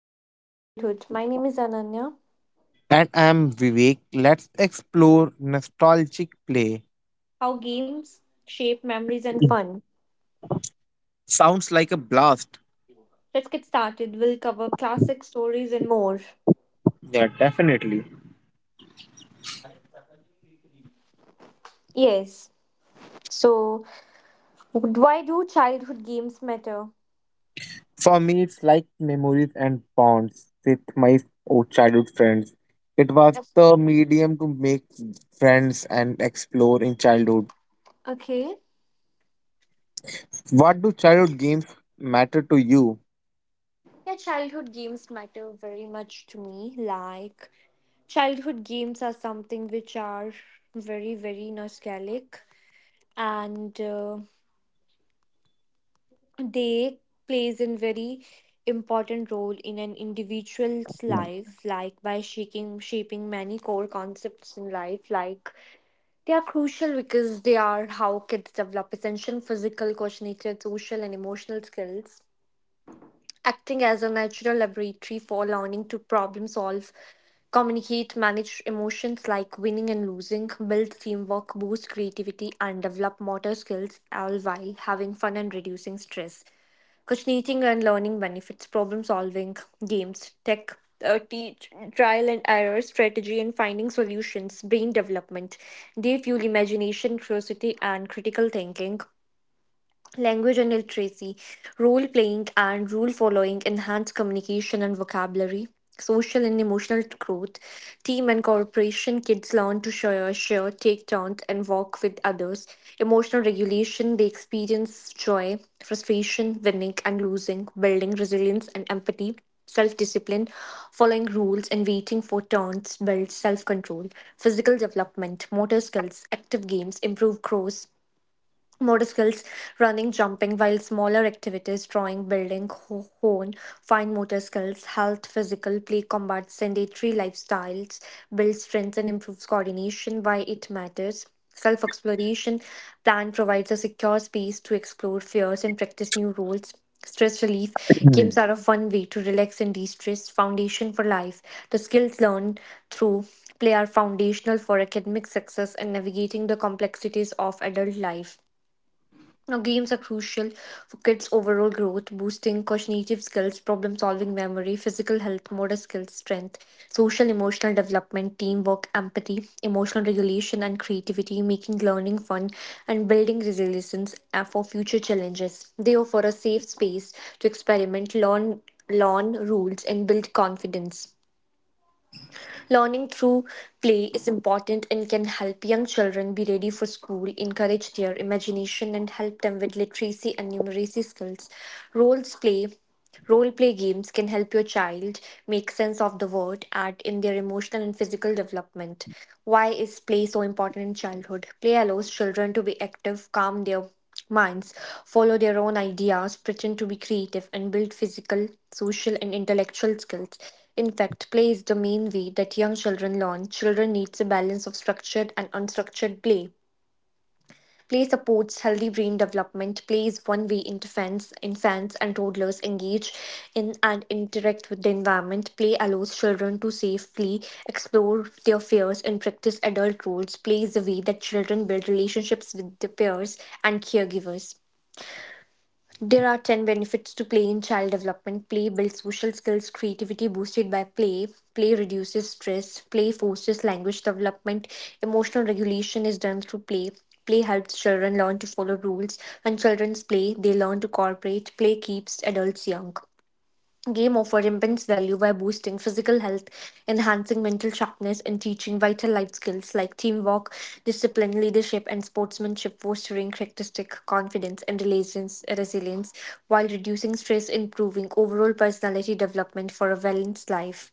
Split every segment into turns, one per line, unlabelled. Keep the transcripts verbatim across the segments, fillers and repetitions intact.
Games of Childhood. My name is Ananya.
And I'm Vivek. Let's explore nostalgic play.
How games shape memories and
Mm.
fun.
Sounds like a blast.
Let's get started. We'll cover classic stories and more.
Yeah, definitely.
Yes. So, why do childhood games matter?
For me, it's like memories and bonds with my old childhood friends. It was the medium to make friends and explore in childhood.
Okay.
What do childhood games matter to you?
Yeah, childhood games matter very much to me. Like, childhood games are something which are very, very nostalgic and uh, they plays a very important role in an individual's life, like by shaking shaping many core concepts in life. Like, they are crucial because they are how kids develop essential physical, cognitive, social and emotional skills, acting as a natural laboratory for learning to problem solve, communicate, manage emotions like winning and losing, build teamwork, boost creativity, and develop motor skills, all while having fun and reducing stress. Coordinating and learning benefits, problem solving, games, tech, uh, teach, trial and error, strategy, and finding solutions, brain development. They fuel imagination, curiosity, and critical thinking. Language and literacy, role playing and rule following enhance communication and vocabulary, social and emotional growth, team and cooperation. Kids learn to share, share, take turns, and work with others. Emotional regulation, they experience joy, frustration, winning and losing, building resilience and empathy. Self discipline, following rules and waiting for turns builds self control, physical development, motor skills, active games improve growth. Motor skills, running, jumping, while smaller activities, drawing, building, ho- hone, fine motor skills, health, physical, play, combats sedentary lifestyles, builds strength and improves coordination, why it matters. Self exploration, plan provides a secure space to explore fears and practice new roles. Stress relief, games are a fun way to relax and de stress, foundation for life. The skills learned through play are foundational for academic success and navigating the complexities of adult life. Now, games are crucial for kids' overall growth, boosting cognitive skills, problem solving, memory, physical health, motor skills, strength, social emotional development, teamwork, empathy, emotional regulation, and creativity, making learning fun and building resilience uh, for future challenges. They offer a safe space to experiment, learn, learn rules, and build confidence. Learning through play is important and can help young children be ready for school, encourage their imagination, and help them with literacy and numeracy skills. Roles play. Role play games can help your child make sense of the world, add in their emotional and physical development. Why is play so important in childhood? Play allows children to be active, calm their minds, follow their own ideas, pretend to be creative, and build physical, social, and intellectual skills. In fact, play is the main way that young children learn. Children needs a balance of structured and unstructured play. Play supports healthy brain development. Play is one way infants, infants and toddlers engage in and interact with the environment. Play allows children to safely explore their fears and practice adult roles. Play is a way that children build relationships with their peers and caregivers. There are ten benefits to play in child development. Play builds social skills, creativity boosted by play. Play reduces stress. Play forces language development. Emotional regulation is done through play. Play helps children learn to follow rules. When children play, they learn to cooperate. Play keeps adults young. Game offer immense value by boosting physical health, enhancing mental sharpness, and teaching vital life skills like teamwork, discipline, leadership, and sportsmanship, fostering characteristic confidence and resilience, resilience while reducing stress, improving overall personality development for a balanced life,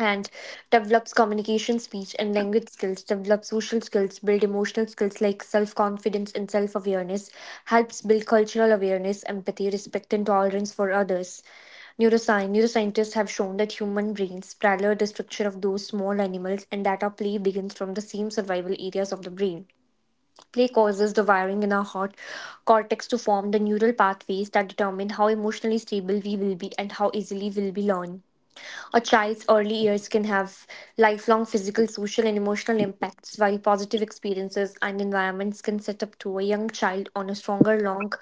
and develops communication, speech, and language skills, develops social skills, build emotional skills like self confidence and self awareness, helps build cultural awareness, empathy, respect, and tolerance for others. Neuroscience Neuroscientists have shown that human brains parallel the structure of those small animals and that our play begins from the same survival areas of the brain. Play causes the wiring in our heart cortex to form the neural pathways that determine how emotionally stable we will be and how easily we'll be learn. A child's early years can have lifelong physical, social, and emotional impacts, while positive experiences and environments can set up to a young child on a stronger, long,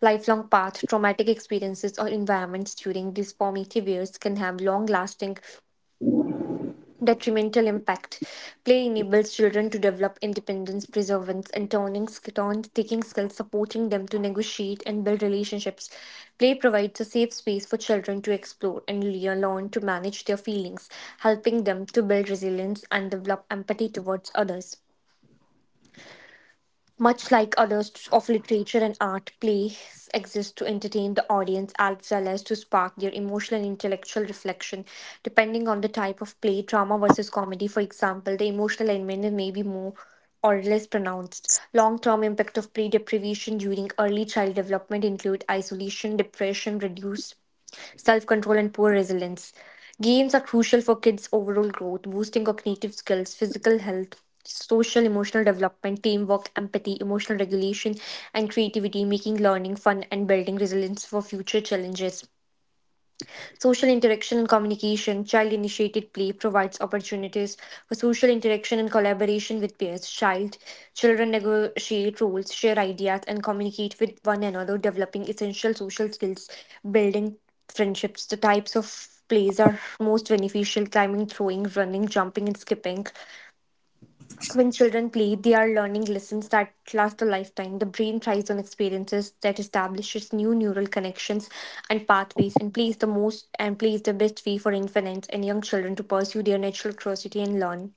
lifelong path. Traumatic experiences or environments during these formative years can have long lasting detrimental impact. Play enables children to develop independence, perseverance, and turning turn taking skills, supporting them to negotiate and build relationships. Play provides a safe space for children to explore and le- learn to manage their feelings, helping them to build resilience and develop empathy towards others. Much like others of literature and art, plays exist to entertain the audience as well as to spark their emotional and intellectual reflection. Depending on the type of play, drama versus comedy, for example, the emotional element may be more or less pronounced. Long-term impact of play deprivation during early child development include isolation, depression, reduced self control, and poor resilience. Games are crucial for kids' overall growth, boosting cognitive skills, physical health, social emotional development, teamwork, empathy, emotional regulation, and creativity, making learning fun and building resilience for future challenges. Social interaction and communication, child initiated play provides opportunities for social interaction and collaboration with peers. Child children negotiate roles, share ideas, and communicate with one another, developing essential social skills, building friendships. The types of plays are most beneficial: climbing, throwing, running, jumping, and skipping. When children play, they are learning lessons that last a lifetime. The brain thrives on experiences that establishes new neural connections and pathways, and plays the most and plays the best way for infants and young children to pursue their natural curiosity and learn.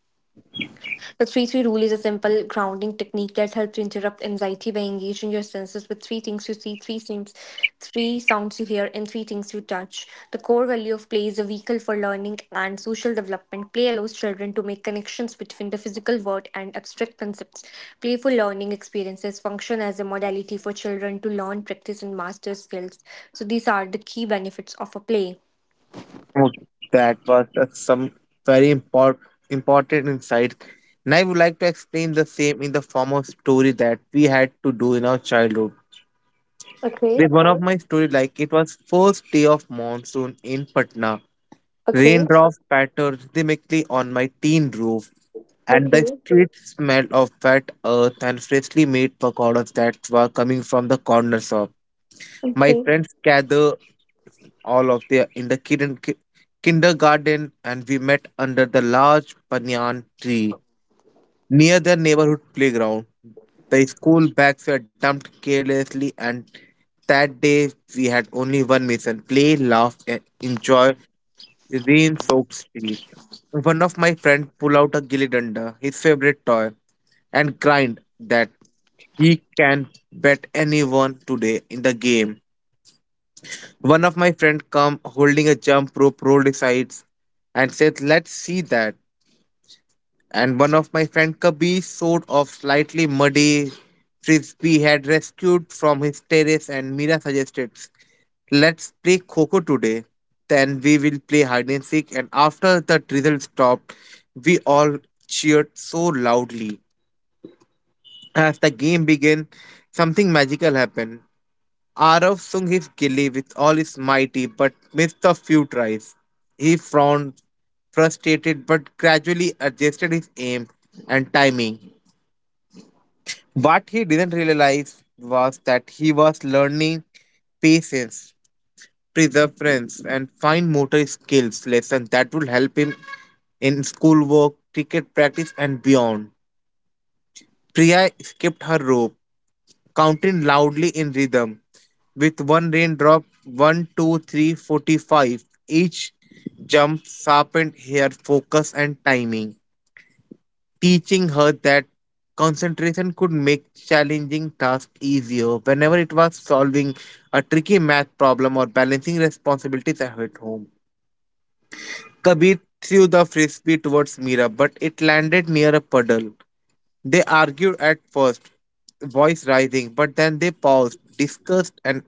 The three three rule is a simple grounding technique that helps to interrupt anxiety by engaging your senses with three things you see, three things, three sounds you hear, and three things you touch. The core value of play is a vehicle for learning and social development. Play allows children to make connections between the physical world and abstract concepts. Playful learning experiences function as a modality for children to learn, practice, and master skills. So these are the key benefits of a play.
Oh, that was that's some very import, important insight. And I would like to explain the same in the form of story that we had to do in our childhood. There's
Okay.
one of my story like it was first day of monsoon in Patna.
Okay.
Raindrops pattered rhythmically on my tin roof, and the
Okay.
sweet smell of wet earth and freshly made pakoras that were coming from the corner shop. My
Okay.
friends gathered all of their in the kid- ki- kindergarten and we met under the large banyan tree near the neighborhood playground. The school bags were dumped carelessly, and that day we had only one mission: play, laugh, and enjoy rain soaked streets. One of my friends pulled out a gilly danda, his favorite toy, and grind that he can bet anyone today in the game. One of my friend come holding a jump rope, rolled his sides, and said, "Let's see that." And one of my friend Kabir sort of slightly muddy frisbee had rescued from his terrace, and Mira suggested let's play Coco today. Then we will play hide and seek, and after the drizzle stopped we all cheered so loudly. As the game began, something magical happened. Arav sung his gilly with all his mighty, but missed a few tries. He frowned, frustrated, but gradually adjusted his aim and timing. What he didn't realize was that he was learning patience, perseverance, and fine motor skills lessons that would help him in schoolwork, cricket practice, and beyond. Priya skipped her rope, counting loudly in rhythm. With one raindrop, one, two, three, forty-five. Each jump sharpened her focus and timing, teaching her that concentration could make challenging tasks easier whenever it was solving a tricky math problem or balancing responsibilities at home. Kabir threw the frisbee towards Mira, but it landed near a puddle. They argued at first, voice rising, but then they paused, discussed, and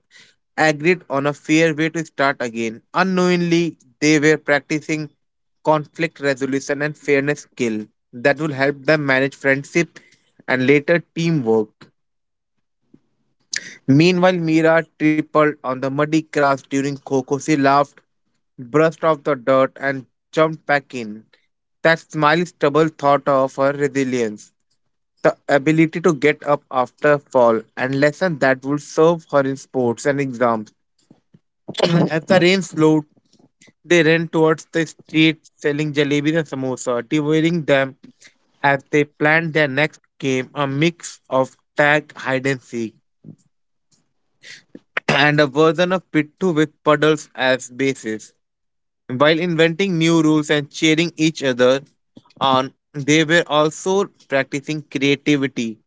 agreed on a fair way to start again. Unknowingly, they were practicing conflict resolution and fairness skill that will help them manage friendship and later teamwork. Meanwhile, Mira tripled on the muddy grass during Coco. She laughed, brushed off the dirt, and jumped back in. That smile double thought of her resilience, the ability to get up after a fall, and lesson that would serve her in sports and exams. As the rain slowed, they ran towards the street selling jalebis and samosa, devouring them as they planned their next game, a mix of tag, hide and seek, and a version of pittu with puddles as bases. While inventing new rules and cheering each other on, they were also practicing creativity,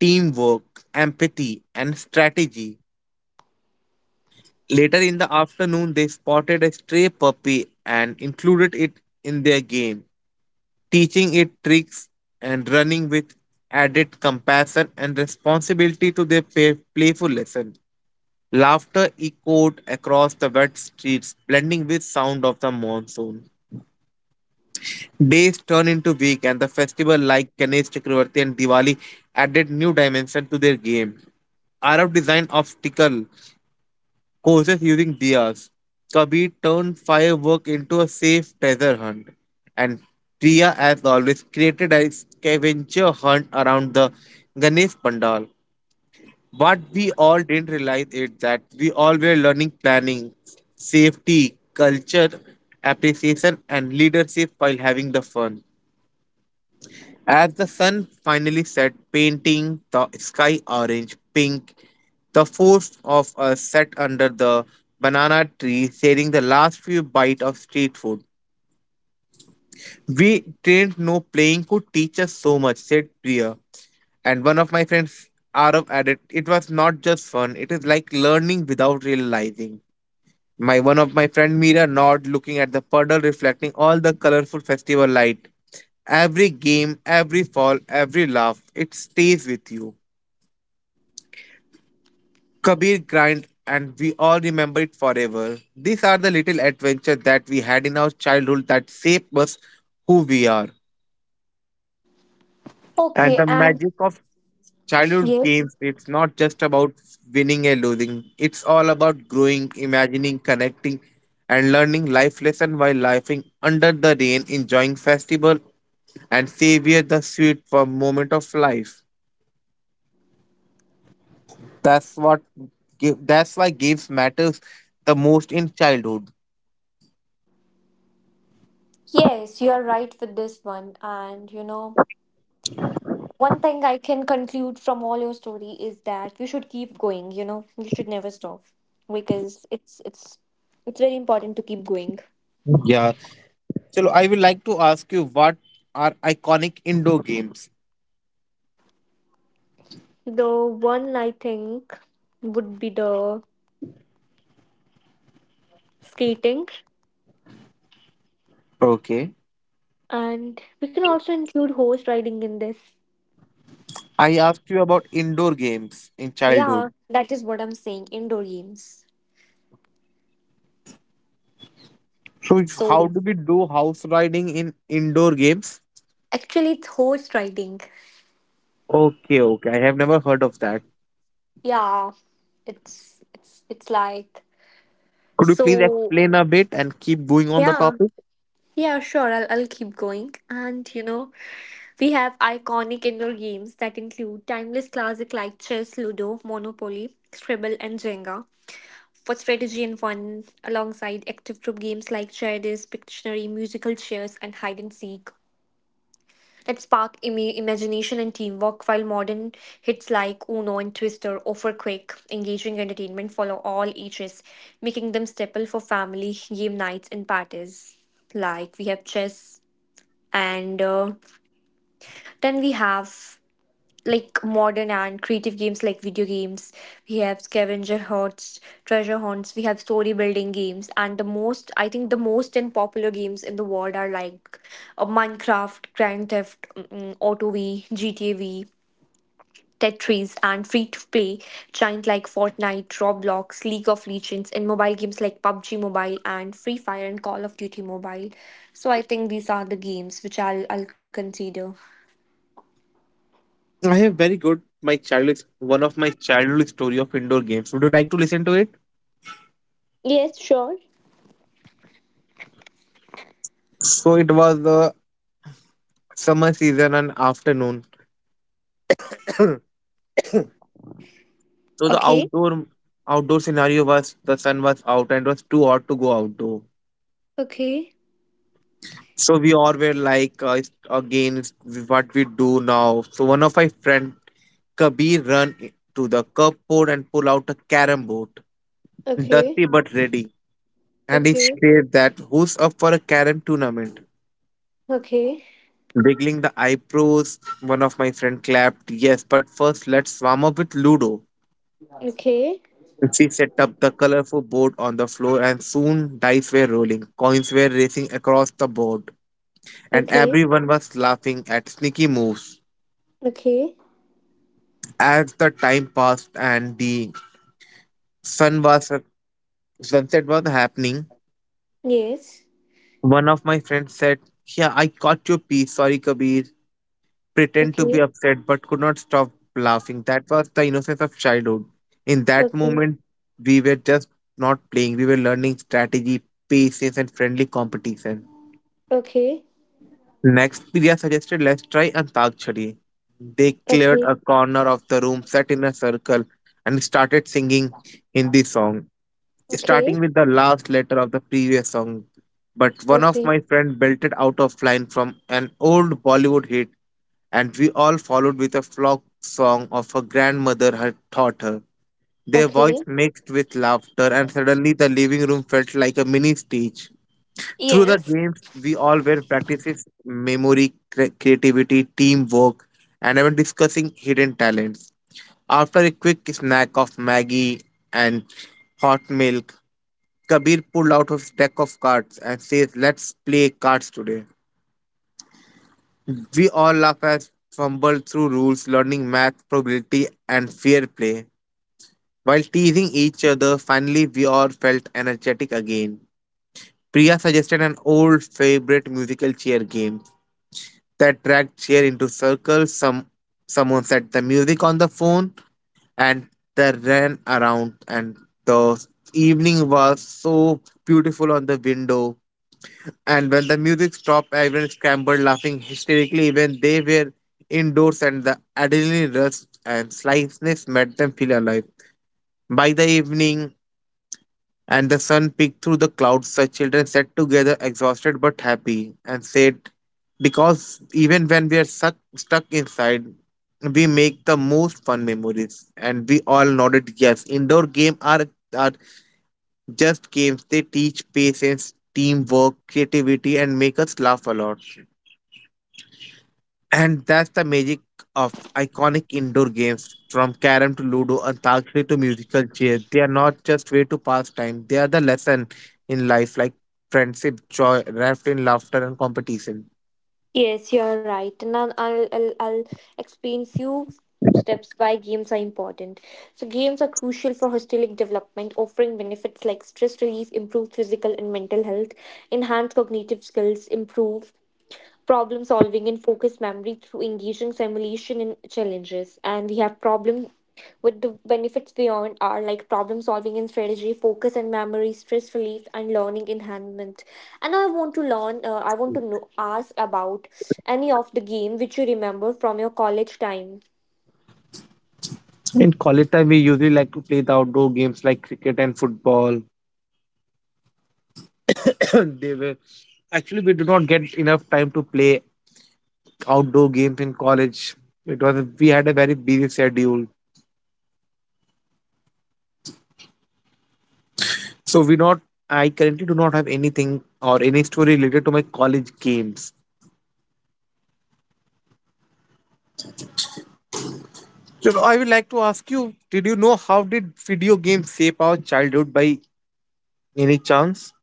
teamwork, empathy, and strategy. Later in the afternoon, they spotted a stray puppy and included it in their game, teaching it tricks and running with added compassion and responsibility to their pa- playful lesson. Laughter echoed across the wet streets, blending with sound of the monsoon. Days turned into week, and the festival like Ganesh Chakravarti and Diwali added new dimension to their game. Arab designed obstacle courses using diyas. Kabir turned firework into a safe treasure hunt, and Priya, as always, created a scavenger hunt around the Ganesh Pandal. What we all didn't realize is that we all were learning planning, safety, culture, appreciation, and leadership while having the fun. As the sun finally set, painting the sky orange pink, the four of us sat under the banana tree, sharing the last few bites of street food. "We didn't know playing could teach us so much," said Priya. And one of my friends, Arav, added, "It was not just fun, it is like learning without realizing." My one of my friend Mira nod looking at the puddle reflecting all the colorful festival light. "Every game, every fall, every laugh, it stays with you." Kabir grind, and we all remember it forever. These are the little adventures that we had in our childhood that shape us who we are. And
Okay.
the
And
magic of childhood
yes.
games, it's not just about winning and losing. It's all about growing, imagining, connecting, and learning life lesson while laughing under the rain, enjoying festival, and savor the sweet for moment of life. That's what gi- that's why games matters the most in childhood.
Yes, you are right with this one. And you know, one thing I can conclude from all your story is that you should keep going, you know, you should never stop because it's it's it's very important to keep going.
Yeah. So I would like to ask you, what are iconic indoor games?
The one I think would be the skating,
Okay.
and we can also include horse riding in this.
I asked you about indoor games in
Yeah,
childhood.
that is what I'm saying, indoor games.
So if- how
So
do we do house riding in indoor games?
actually it's horse riding.
Okay, okay. I have never heard of that.
Yeah, it's it's it's like
Could you please
so
explain a bit and keep going on the
yeah
topic?
Yeah, sure. I'll, I'll keep going. And you know, we have iconic indoor games that include timeless classic like chess, ludo, monopoly, scribble, and Jenga for strategy and fun, alongside active group games like Charities, Pictionary, musical chairs, and hide and seek that spark Im- imagination and teamwork. While modern hits like Uno and Twister offer quick, engaging entertainment follow all ages, making them staple for family game nights and parties. Like, we have chess and uh, then we have like modern and creative games like video games. We have scavenger hunts, treasure hunts, we have story building games, and the most i think the most and popular games in the world are like uh, Minecraft, Grand Theft mm, Auto V, GTA V, Tetris, and free to play giant like Fortnite, Roblox, League of Legends, and mobile games like pub g Mobile and Free Fire and Call of Duty Mobile. So I think these are the games which I'll I'll consider.
I have very good my childhood, one of my childhood story of indoor games. Would you like to listen to it?
Yes, sure.
So it was the summer season and afternoon. So the
Okay.
outdoor outdoor scenario was the sun was out and it was too hot to go outdoor.
Okay.
So we all were like, uh, it's- again, it's what we do now. So one of my friend, Kabir, run i- to the cupboard and pull out a carom board,
Okay,
dusty but ready. And he
okay,
said that, "Who's up for a carom tournament?"
okay,
Wiggling the eyebrows, one of my friend clapped, "Yes, but first let's warm up with Ludo."
okay,
She set up the colorful board on the floor and soon dice were rolling, coins were racing across the board, and
okay,
everyone was laughing at sneaky moves.
okay,
As the time passed and the sun was sunset was happening,
yes,
one of my friends said, "Yeah, I caught your piece. Sorry, Kabir." Pretend to be
okay,
upset, but could not stop laughing. That was the innocence of childhood. "In that
okay,
moment, we were just not playing. We were learning strategy, patience, and friendly competition."
okay, okay,
Next, Priya suggested, "Let's try antakshari." They cleared a corner of the room, sat in a circle, and started singing Hindi song,
okay,
starting with the last letter of the previous song. But one of
okay,
my friend belted out of line from an old Bollywood hit, and we all followed with a flock song of her grandmother had taught her. Their
okay,
voice mixed with laughter, and suddenly the living room felt like a mini stage. Through the
yes,
games, we all were practices memory, cre- creativity, teamwork, and even discussing hidden talents. After a quick snack of Maggie and hot milk, Kabir pulled out his deck of cards and says, "Let's play cards today." We all laugh as fumbled through rules, learning math, probability, and fair play. While teasing each other, finally we all felt energetic again. Priya suggested an old favorite musical chair game that dragged chair into circles. Some someone set the music on the phone, and they ran around, and the evening was so beautiful on the window, and when the music stopped everyone scrambled laughing hysterically. Even they were indoors, and the adrenaline rush and slyness made them feel alive. By the evening, and the sun peeked through the clouds, the children sat together, exhausted but happy, and said, "Because even when we are suck, stuck inside, we make the most fun memories." And we all nodded yes. Indoor games are, are just games, they teach patience, teamwork, creativity, and make us laugh a lot. And that's the magic of iconic indoor games, from carrom to ludo, antakshari to musical chairs. They are not just way to pass time, they are the lesson in life like friendship, joy, wrapped in laughter and competition.
yes, you're right. Now I'll, I'll, I'll I'll explain few steps why games are important. So games are crucial for holistic development, offering benefits like stress relief, improve physical and mental health, enhance cognitive skills, improve problem solving and focus memory through engaging simulation and challenges. And we have problem with the benefits beyond are like problem solving and strategy, focus and memory, stress relief, and learning enhancement. And I want to learn uh, i want to know ask about any of the game which you remember from your college time.
In college time, we usually like to play the outdoor games like cricket and football. They were, actually we do not get enough time to play outdoor games in college. It was we had a very busy schedule, so we not. I currently do not have anything or any story related to my college games. So I would like to ask you, did you know how did video games shape our childhood by any chance?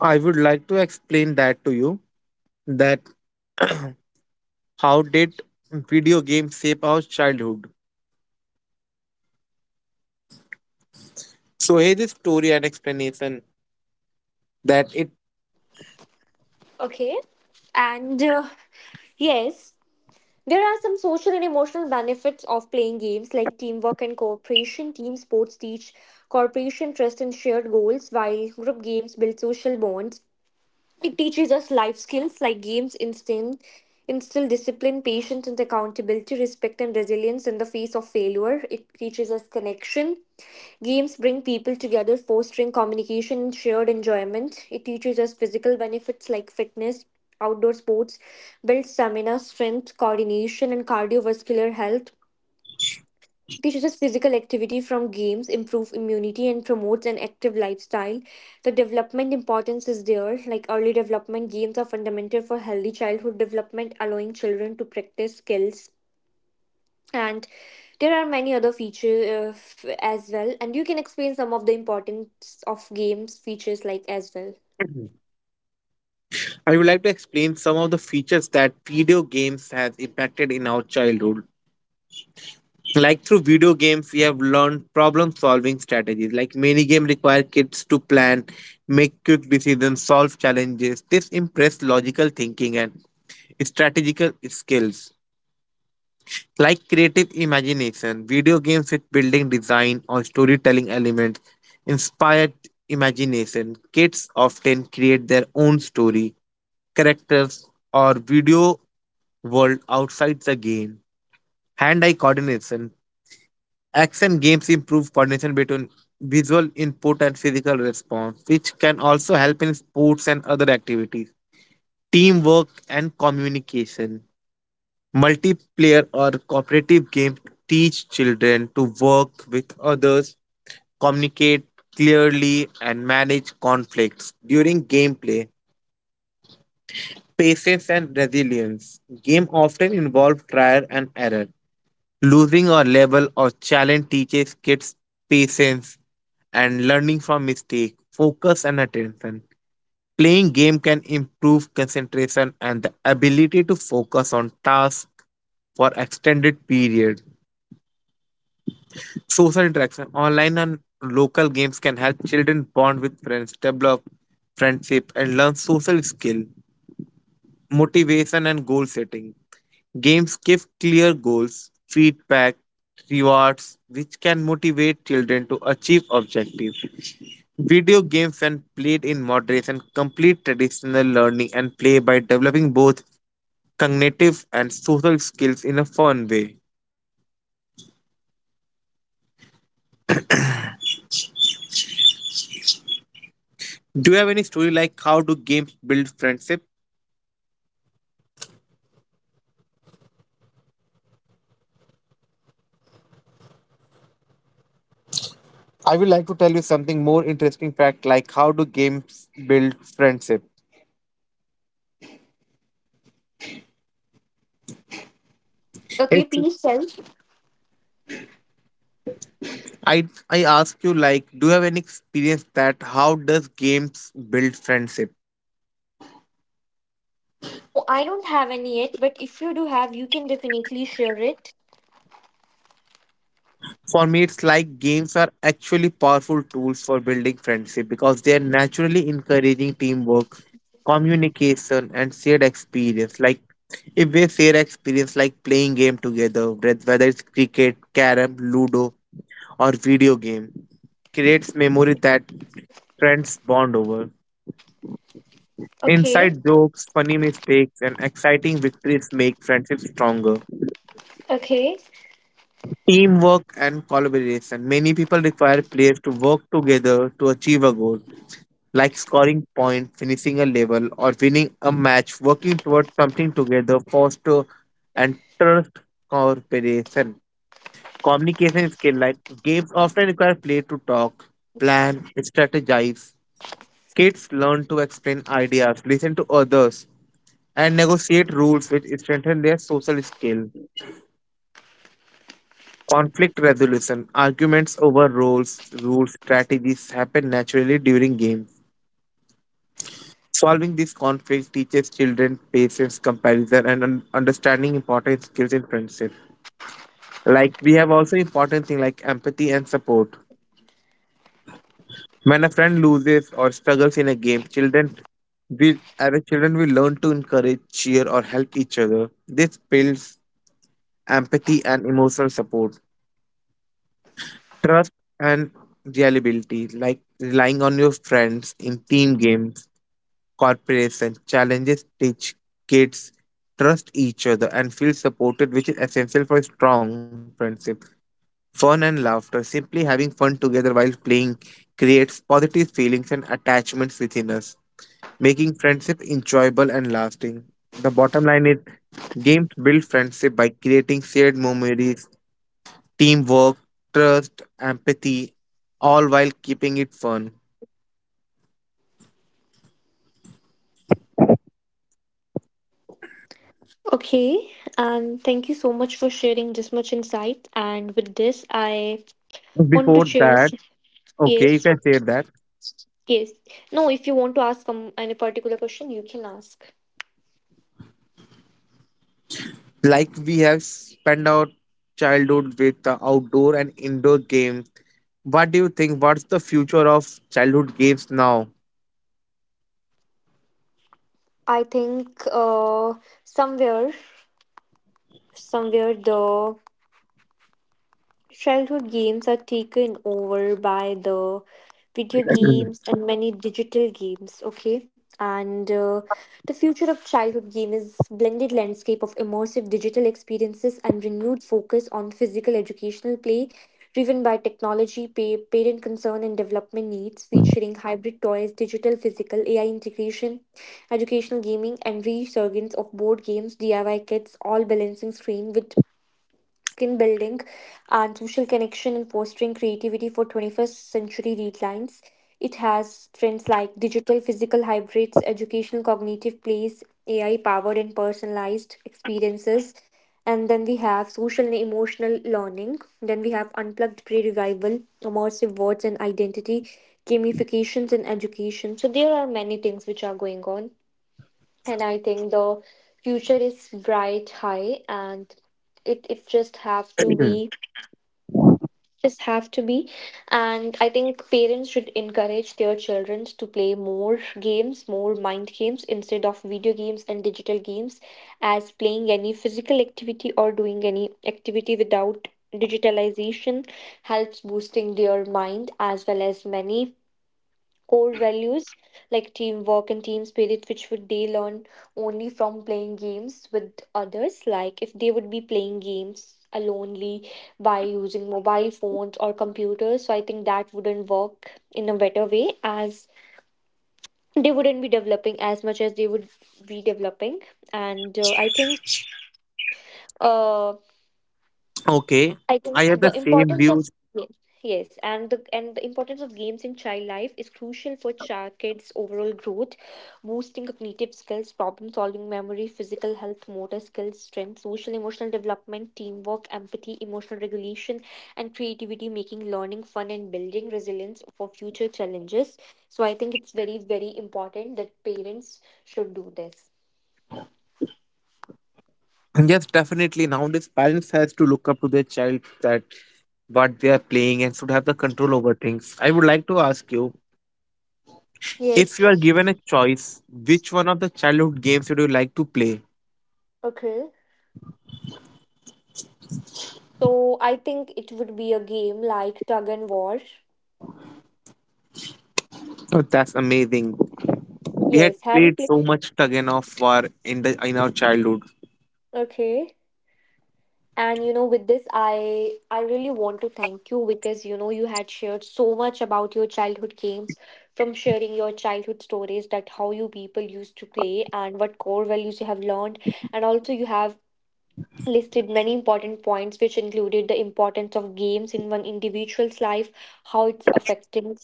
I would like to explain that to you, that how did video games shape our childhood. So here is story and explanation that it
Okay. And uh, yes. There are some social and emotional benefits of playing games like teamwork and cooperation. Team sports teach cooperation, trust, and shared goals, while group games build social bonds. It teaches us life skills like games instill, instill discipline, patience, and accountability, respect, and resilience in the face of failure. It teaches us connection. Games bring people together, fostering communication and shared enjoyment. It teaches us physical benefits like fitness, outdoor sports, build stamina, strength, coordination, and cardiovascular health. It teaches us physical activity from games, improve immunity, and promotes an active lifestyle. The development importance is there. Like early development, games are fundamental for healthy childhood development, allowing children to practice skills. And there are many other features uh, f- as well. And you can explain some of the importance of games features like as well.
I would like to explain some of the features that video games has impacted in our childhood. Like through video games, we have learned problem solving strategies. Like many games require kids to plan, make quick decisions, solve challenges. This impress logical thinking and strategical skills. Like creative imagination, video games with building design or storytelling elements inspired imagination. Kids often create their own story, characters, or video world outside the game. Hand eye coordination. Action games improve coordination between visual input and physical response, which can also help in sports and other activities, teamwork, and communication. Multiplayer or cooperative games teach children to work with others, communicate clearly, and manage conflicts. During gameplay, patience and resilience. Game often involve trial and error. Losing a level or challenge teaches kids patience and learning from mistake, focus and attention. Playing game can improve concentration and the ability to focus on tasks for extended period. Social interaction, online and local games can help children bond with friends, develop friendship and learn social skill, motivation and goal setting. Games give clear goals, feedback, rewards, which can motivate children to achieve objectives. Video games, when played in moderation, complete traditional learning and play by developing both cognitive and social skills in a fun way. Do you have any story like how do games build friendship? I will like to tell you something more interesting fact like how do games build friendship.
Okay,
It's
please tell.
I I ask you like, do you have any experience that how does games build friendship?
No, I don't have any yet. But if you do have, you can definitely share it.
For me, it's like games are actually powerful tools for building friendship because they are naturally encouraging teamwork, communication, and shared experience. Like if we share experience like playing game together, wheth- whether it's cricket, carom, ludo, or video game, creates memory that friends bond over.
Okay.
Inside jokes, funny mistakes, and exciting victories make friendships stronger.
Okay.
Teamwork and collaboration. Many people require players to work together to achieve a goal, like scoring points, finishing a level, or winning a match. Working towards something together foster and trust cooperation. Communication skill like games often require players to talk, plan, strategize. Kids learn to explain ideas, listen to others, and negotiate rules which strengthen their social skill. Conflict resolution, arguments over roles, rules, strategies happen naturally during games. Solving these conflicts teaches children patience, comparison, and un- understanding important skills in friendship. Like we have also important thing like empathy and support. When a friend loses or struggles in a game, children we as a children we learn to encourage, cheer, or help each other. This builds empathy and emotional support. Trust and reliability, like relying on your friends in team games, corporates, and challenges, teach kids trust each other and feel supported, which is essential for strong friendship. Fun and laughter, simply having fun together while playing, creates positive feelings and attachments within us, making friendship enjoyable and lasting. The bottom line is games build friendship by creating shared memories teamwork, trust, empathy, all while keeping it fun.
Okay, and thank you so much for sharing this much insight. And with this, I want to
Before
cheers.
that, okay, you
Yes,
can say that.
yes. No, if you want to ask um, any particular question, you can ask.
Like we have spent our childhood with the outdoor and indoor games. What do you think? What's the future of childhood games now?
I think uh, somewhere, somewhere the childhood games are taken over by the video games and many digital games, okay? And uh, the future of childhood game is blended landscape of immersive digital experiences and renewed focus on physical educational play driven by technology, pay, parent concern and development needs, featuring hybrid toys, digital physical A I integration, educational gaming and resurgence of board games, D I Y kits, all balancing screen with skin building and social connection and fostering creativity for twenty-first century readlines. It has trends like digital physical hybrids, educational cognitive plays, A I powered and personalized experiences. And then we have social and emotional learning. Then we have unplugged pre revival, immersive words and identity, gamifications and education. So there are many things which are going on, and I think the future is bright high, and it, it just have to be just have to be And I think parents should encourage their children to play more games, more mind games, instead of video games and digital games, as playing any physical activity or doing any activity without digitalization helps boosting their mind as well as many core values like teamwork and team spirit, which would they learn only from playing games with others. Like if they would be playing games alonely by using mobile phones or computers, so I think that wouldn't work in a better way as they wouldn't be developing as much as they would be developing. And uh, I think. Uh,
Okay,
I
I
think
have the
the
same
importance of
views.
yes, yes, and the and the importance of games in child life is crucial for child kids' overall growth, boosting cognitive skills, problem solving, memory, physical health, motor skills, strength, social emotional development, teamwork, empathy, emotional regulation, and creativity, making learning fun and building resilience for future challenges. So I think it's very very important that parents should do this.
Yes, definitely. Nowadays, parents has to look up to their child that what they are playing and should have the control over things. I would like to ask you, if you
Yes.
are given a choice, which one of the childhood games would you like to play?
Okay. So I think it would be a game like tug and war.
Oh, that's amazing. We had
Yes, have you
played
played?
so much tug and of war in the in our childhood.
Okay. And you know, with this, I I really want to thank you because you know you had shared so much about your childhood games, from sharing your childhood stories that how you people used to play and what core values you have learned, and also you have listed many important points which included the importance of games in one individual's life, how it's affecting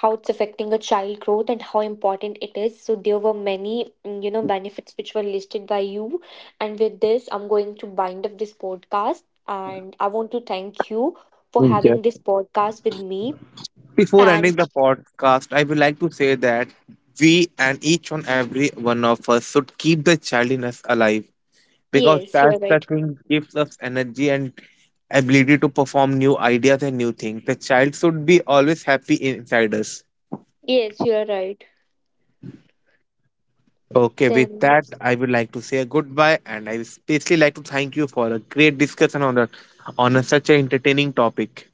how it's affecting a child growth and how important it is. So there were many mm, you know benefits which were listed by you, and with this I'm going to bind up this podcast, and I want to thank you for having
Yes.
this podcast with me.
Before ending the
And
podcast, I would like to say that we and each and every one of us should keep the child in us alive because
yes, you're
that's the
right.
thing gives us energy and ability to perform new ideas and new things. The child should be always happy inside us.
Yes, you're right.
Okay, with that,
Then
I would like to say a goodbye, and I especially like to thank you for a great discussion on the on a, such an entertaining topic.